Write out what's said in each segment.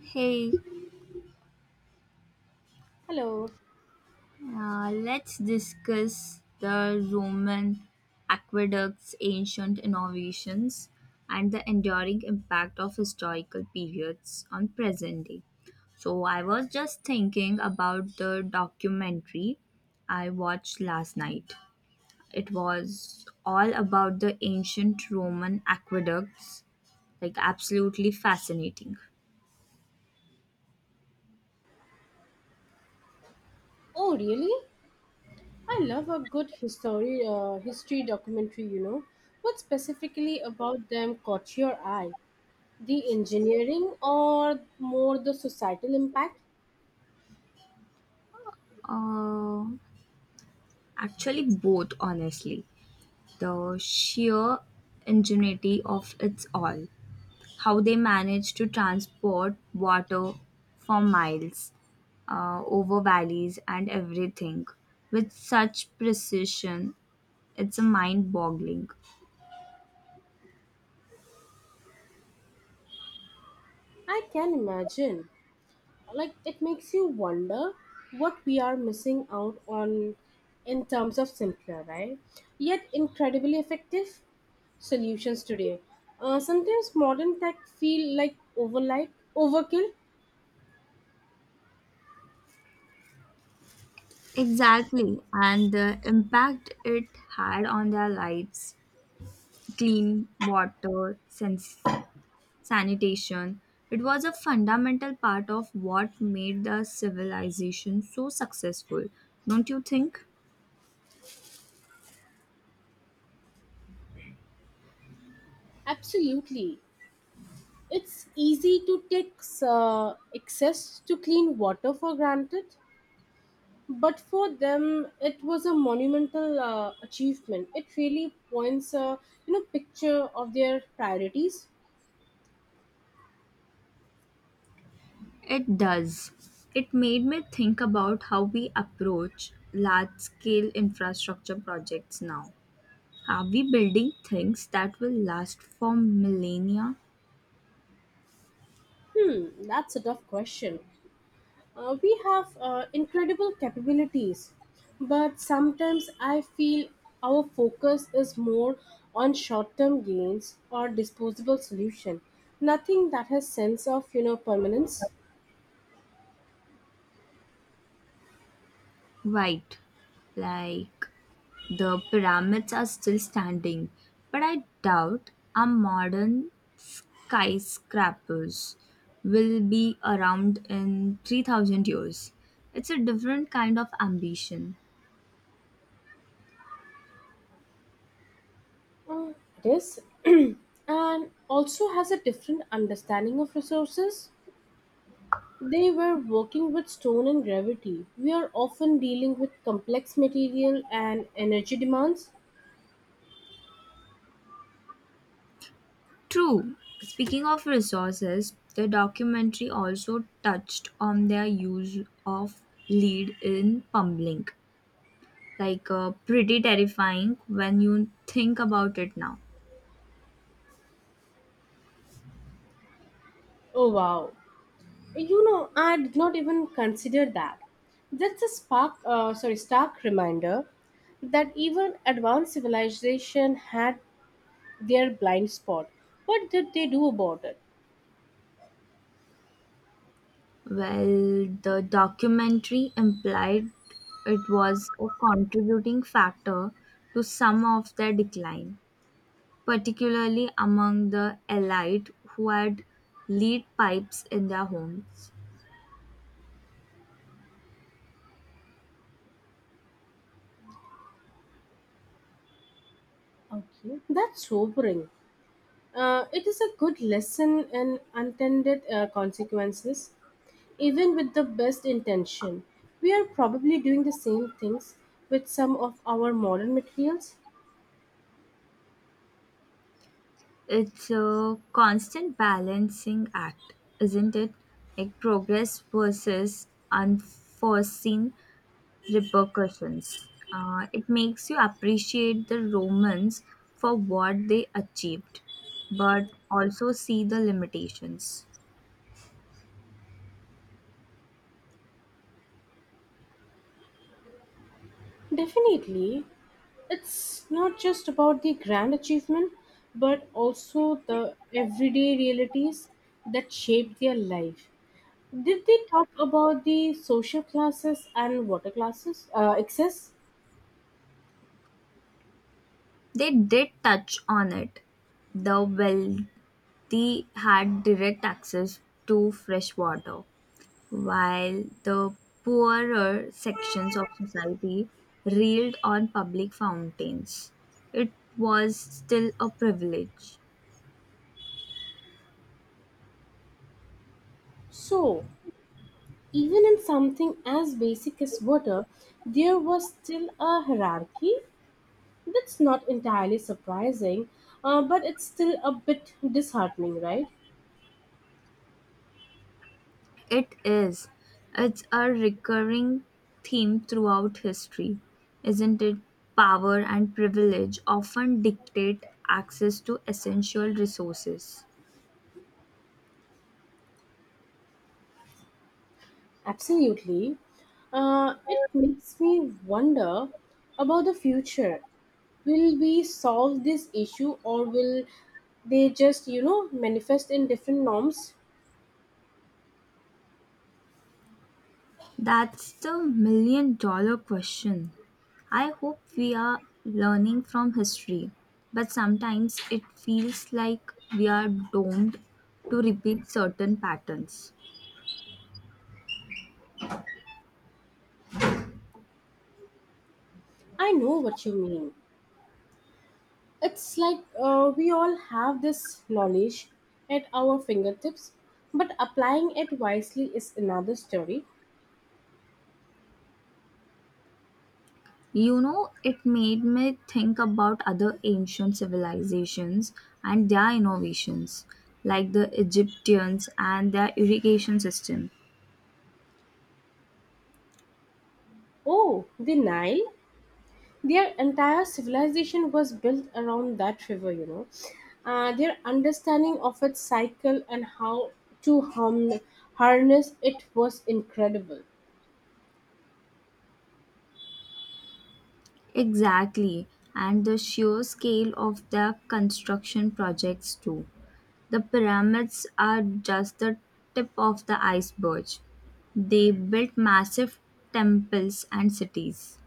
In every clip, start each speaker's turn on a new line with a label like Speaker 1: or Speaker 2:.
Speaker 1: Hey,
Speaker 2: Hello.
Speaker 1: let's discuss the Roman aqueducts, ancient innovations, and the enduring impact of historical periods on present day. So, I was just thinking about the documentary I watched last night. It was all about the ancient Roman aqueducts, like, absolutely fascinating.
Speaker 2: Oh, really? I love a good history documentary. You know. What specifically about them caught your eye? The engineering or more the societal impact?
Speaker 1: Uh, Actually, both, honestly. The sheer ingenuity of it all. How they managed to transport water for miles over valleys and everything with such precision. It's a mind boggling.
Speaker 2: I can imagine. Like it makes you wonder what we are missing out on in terms of simpler, right? Yet incredibly effective solutions today. Sometimes modern tech feel like overkill.
Speaker 1: Exactly. And the impact it had on their lives, clean water, sanitation. It was a fundamental part of what made the civilization so successful, don't you think?
Speaker 2: Absolutely. It's easy to take access to clean water for granted, but for them it was a monumental achievement. It really points a picture of their priorities.
Speaker 1: It does. It made me think about how we approach large scale infrastructure projects now. Are we building things that will last for millennia?
Speaker 2: That's a tough question. We have incredible capabilities, but sometimes I feel our focus is more on short-term gains or disposable solution. Nothing that has sense of permanence.
Speaker 1: Right. Like, the pyramids are still standing, but I doubt our modern skyscrapers will be around in 3000 years. It's a different kind of ambition.
Speaker 2: Uh, it is. And also has a different understanding of resources. They were working with stone and gravity. We are often dealing with complex material and energy demands.
Speaker 1: True, speaking of resources, the documentary also touched on their use of lead in pumping. Like, pretty terrifying when you think about it now.
Speaker 2: Oh wow! You know, I did not even consider that. That's a spark, sorry, stark reminder that even advanced civilization had their blind spot. What did they do about it?
Speaker 1: Well, the documentary implied it was a contributing factor to some of their decline, particularly among the elite who had lead pipes in their homes.
Speaker 2: Okay, that's sobering. It is a good lesson in unintended consequences. Even with the best intention, we are probably doing the same things with some of our modern materials.
Speaker 1: It's a constant balancing act, isn't it? Like, progress versus unforeseen repercussions. It makes you appreciate the Romans for what they achieved, but also see the limitations.
Speaker 2: Definitely, it's not just about the grand achievement, but also the everyday realities that shape their life. Did they talk about the social classes and water classes excess?
Speaker 1: They did touch on it. The well, they had direct access to fresh water, while the poorer sections of society reeled on public fountains. It was still a privilege.
Speaker 2: So, even in something as basic as water, there was still a hierarchy. That's not entirely surprising, but it's still a bit disheartening, right?
Speaker 1: It is. It's a recurring theme throughout history, isn't it? Power and privilege often dictate access to essential resources.
Speaker 2: Absolutely. It makes me wonder about the future. Will we solve this issue or will they just, you know, manifest in different norms?
Speaker 1: That's the million dollar question. I hope we are learning from history, but sometimes it feels like we are doomed to repeat certain patterns.
Speaker 2: I know what you mean. It's like we all have this knowledge at our fingertips, but applying it wisely is another story.
Speaker 1: You know, it made me think about other ancient civilizations and their innovations, like the Egyptians and their irrigation system.
Speaker 2: Oh, the Nile! Their entire civilization was built around that river. You know. Their understanding of its cycle and how to hum- harness it was incredible.
Speaker 1: Exactly, and the sheer scale of their construction projects, too. The pyramids are just the tip of the iceberg. They built massive temples and cities.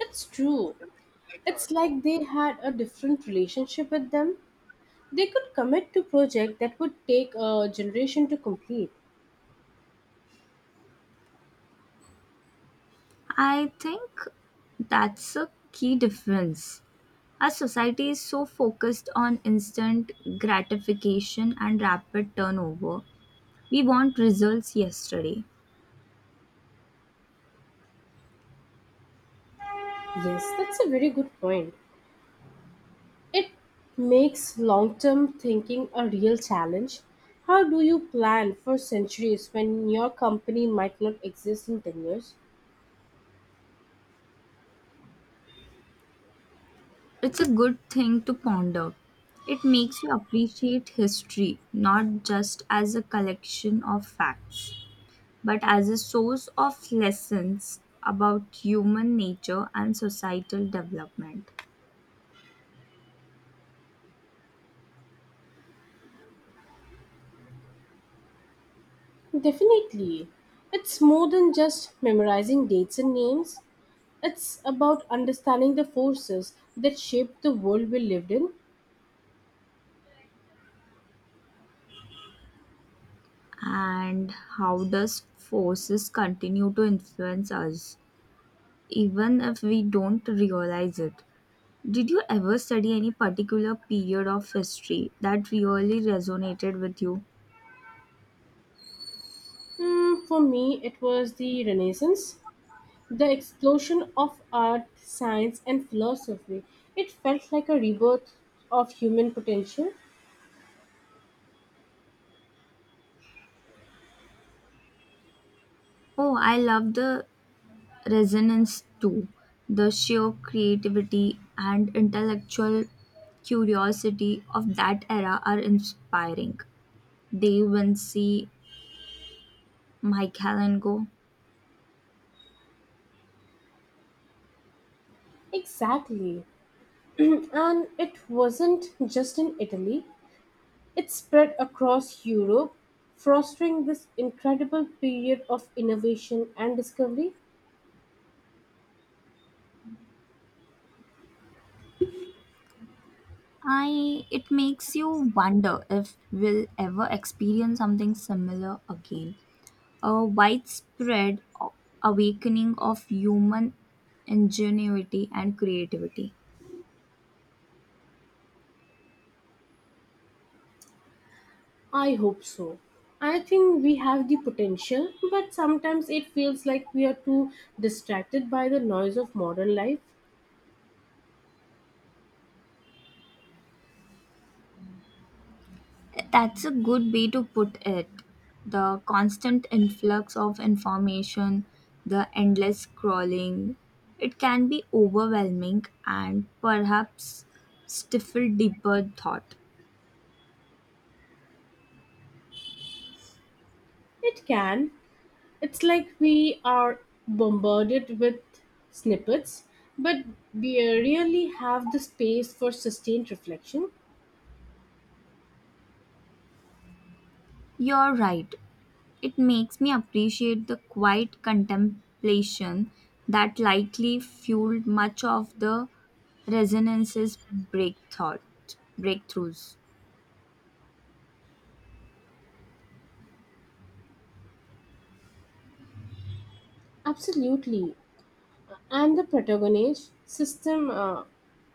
Speaker 2: It's true. It's like they had a different relationship with them. They could commit to project that would take a generation to complete.
Speaker 1: I think that's a key difference. Our society is so focused on instant gratification and rapid turnover. We want results yesterday.
Speaker 2: Yes, that's a very good point. It makes long term thinking a real challenge. How do you plan for centuries when your company might not exist in 10 years?
Speaker 1: It's a good thing to ponder. It makes you appreciate history, not just as a collection of facts, but as a source of lessons about human nature and societal development.
Speaker 2: Definitely. It's more than just memorizing dates and names, it's about understanding the forces that shaped the world we lived in.
Speaker 1: And how does forces continue to influence us, even if we don't realize it? Did you ever study any particular period of history that really resonated with you?
Speaker 2: For me, it was the Renaissance. The explosion of art, science, and philosophy. It felt like a rebirth of human potential.
Speaker 1: Oh, I love the resonance too. The sheer creativity and intellectual curiosity of that era are inspiring. Dave Vincey, Michael and Go.
Speaker 2: Exactly. And it wasn't just in Italy, it spread across Europe, fostering this incredible period of innovation and discovery.
Speaker 1: I it makes you wonder if we'll ever experience something similar again. A widespread awakening of human ingenuity and creativity.
Speaker 2: I hope so. I think we have the potential, but sometimes it feels like we are too distracted by the noise of modern life.
Speaker 1: That's a good way to put it. The constant influx of information, the endless scrolling, it can be overwhelming and perhaps stifle deeper thought.
Speaker 2: It can. It's like we are bombarded with snippets, but we really have the space for sustained reflection.
Speaker 1: You're right. It makes me appreciate the quiet contemplation that likely fueled much of the resonance's breakthought, breakthroughs.
Speaker 2: Absolutely. And the protagonist system,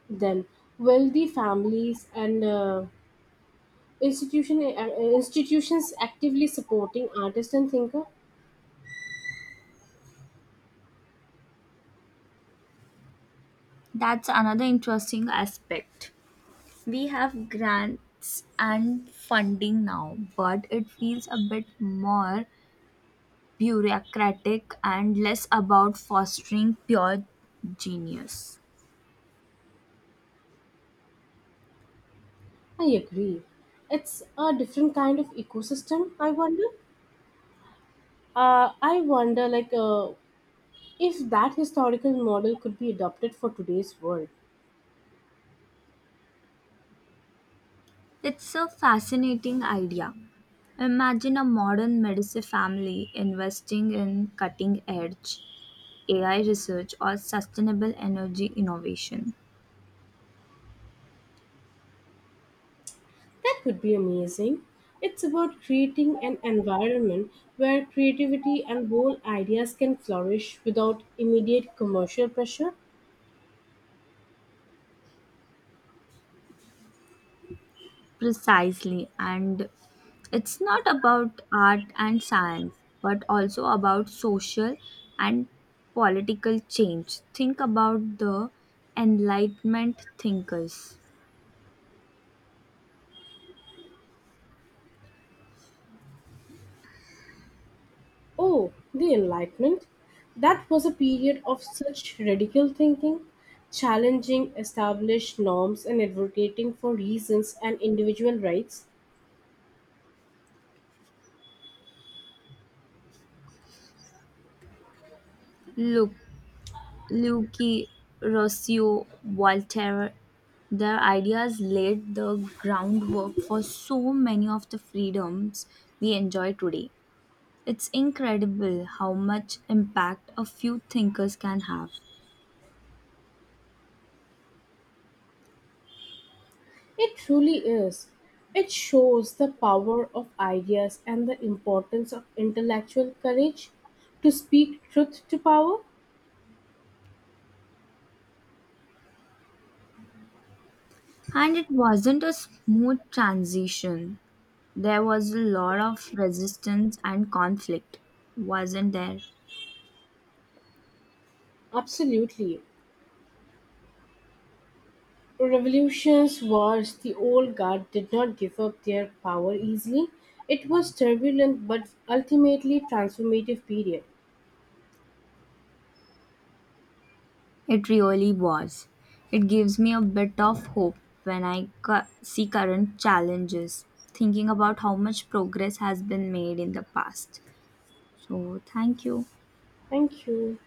Speaker 2: then wealthy families and institution uh, institutions actively supporting artists and thinker.
Speaker 1: That's another interesting aspect. We have grants and funding now, but it feels a bit more bureaucratic and less about fostering pure genius.
Speaker 2: I agree. It's a different kind of ecosystem. I wonder. Uh, I wonder, like, uh, If that historical model could be adopted for today's world,
Speaker 1: It's a fascinating idea. Imagine a modern medicine family investing in cutting edge AI research or sustainable energy innovation.
Speaker 2: that would be amazing. It's about creating an environment where creativity and bold ideas can flourish without immediate commercial pressure.
Speaker 1: Precisely, and it's not about art and science, but also about social and political change. Think about the Enlightenment thinkers.
Speaker 2: Oh, the Enlightenment. That was a period of such radical thinking, challenging established norms and advocating for reasons and individual rights.
Speaker 1: Look, Luigi Rossio, Voltaire, their ideas laid the groundwork for so many of the freedoms we enjoy today. It's incredible how much impact a few thinkers can have.
Speaker 2: It truly is. It shows the power of ideas and the importance of intellectual courage to speak truth to power.
Speaker 1: And it wasn't a smooth transition. There was a lot of resistance and conflict, wasn't there?
Speaker 2: Absolutely. Revolutions, wars, the old guard did not give up their power easily. It was turbulent but ultimately transformative period.
Speaker 1: It really was. It gives me a bit of hope when I see current challenges, thinking about how much progress has been made in the past. So, thank you.
Speaker 2: Thank you.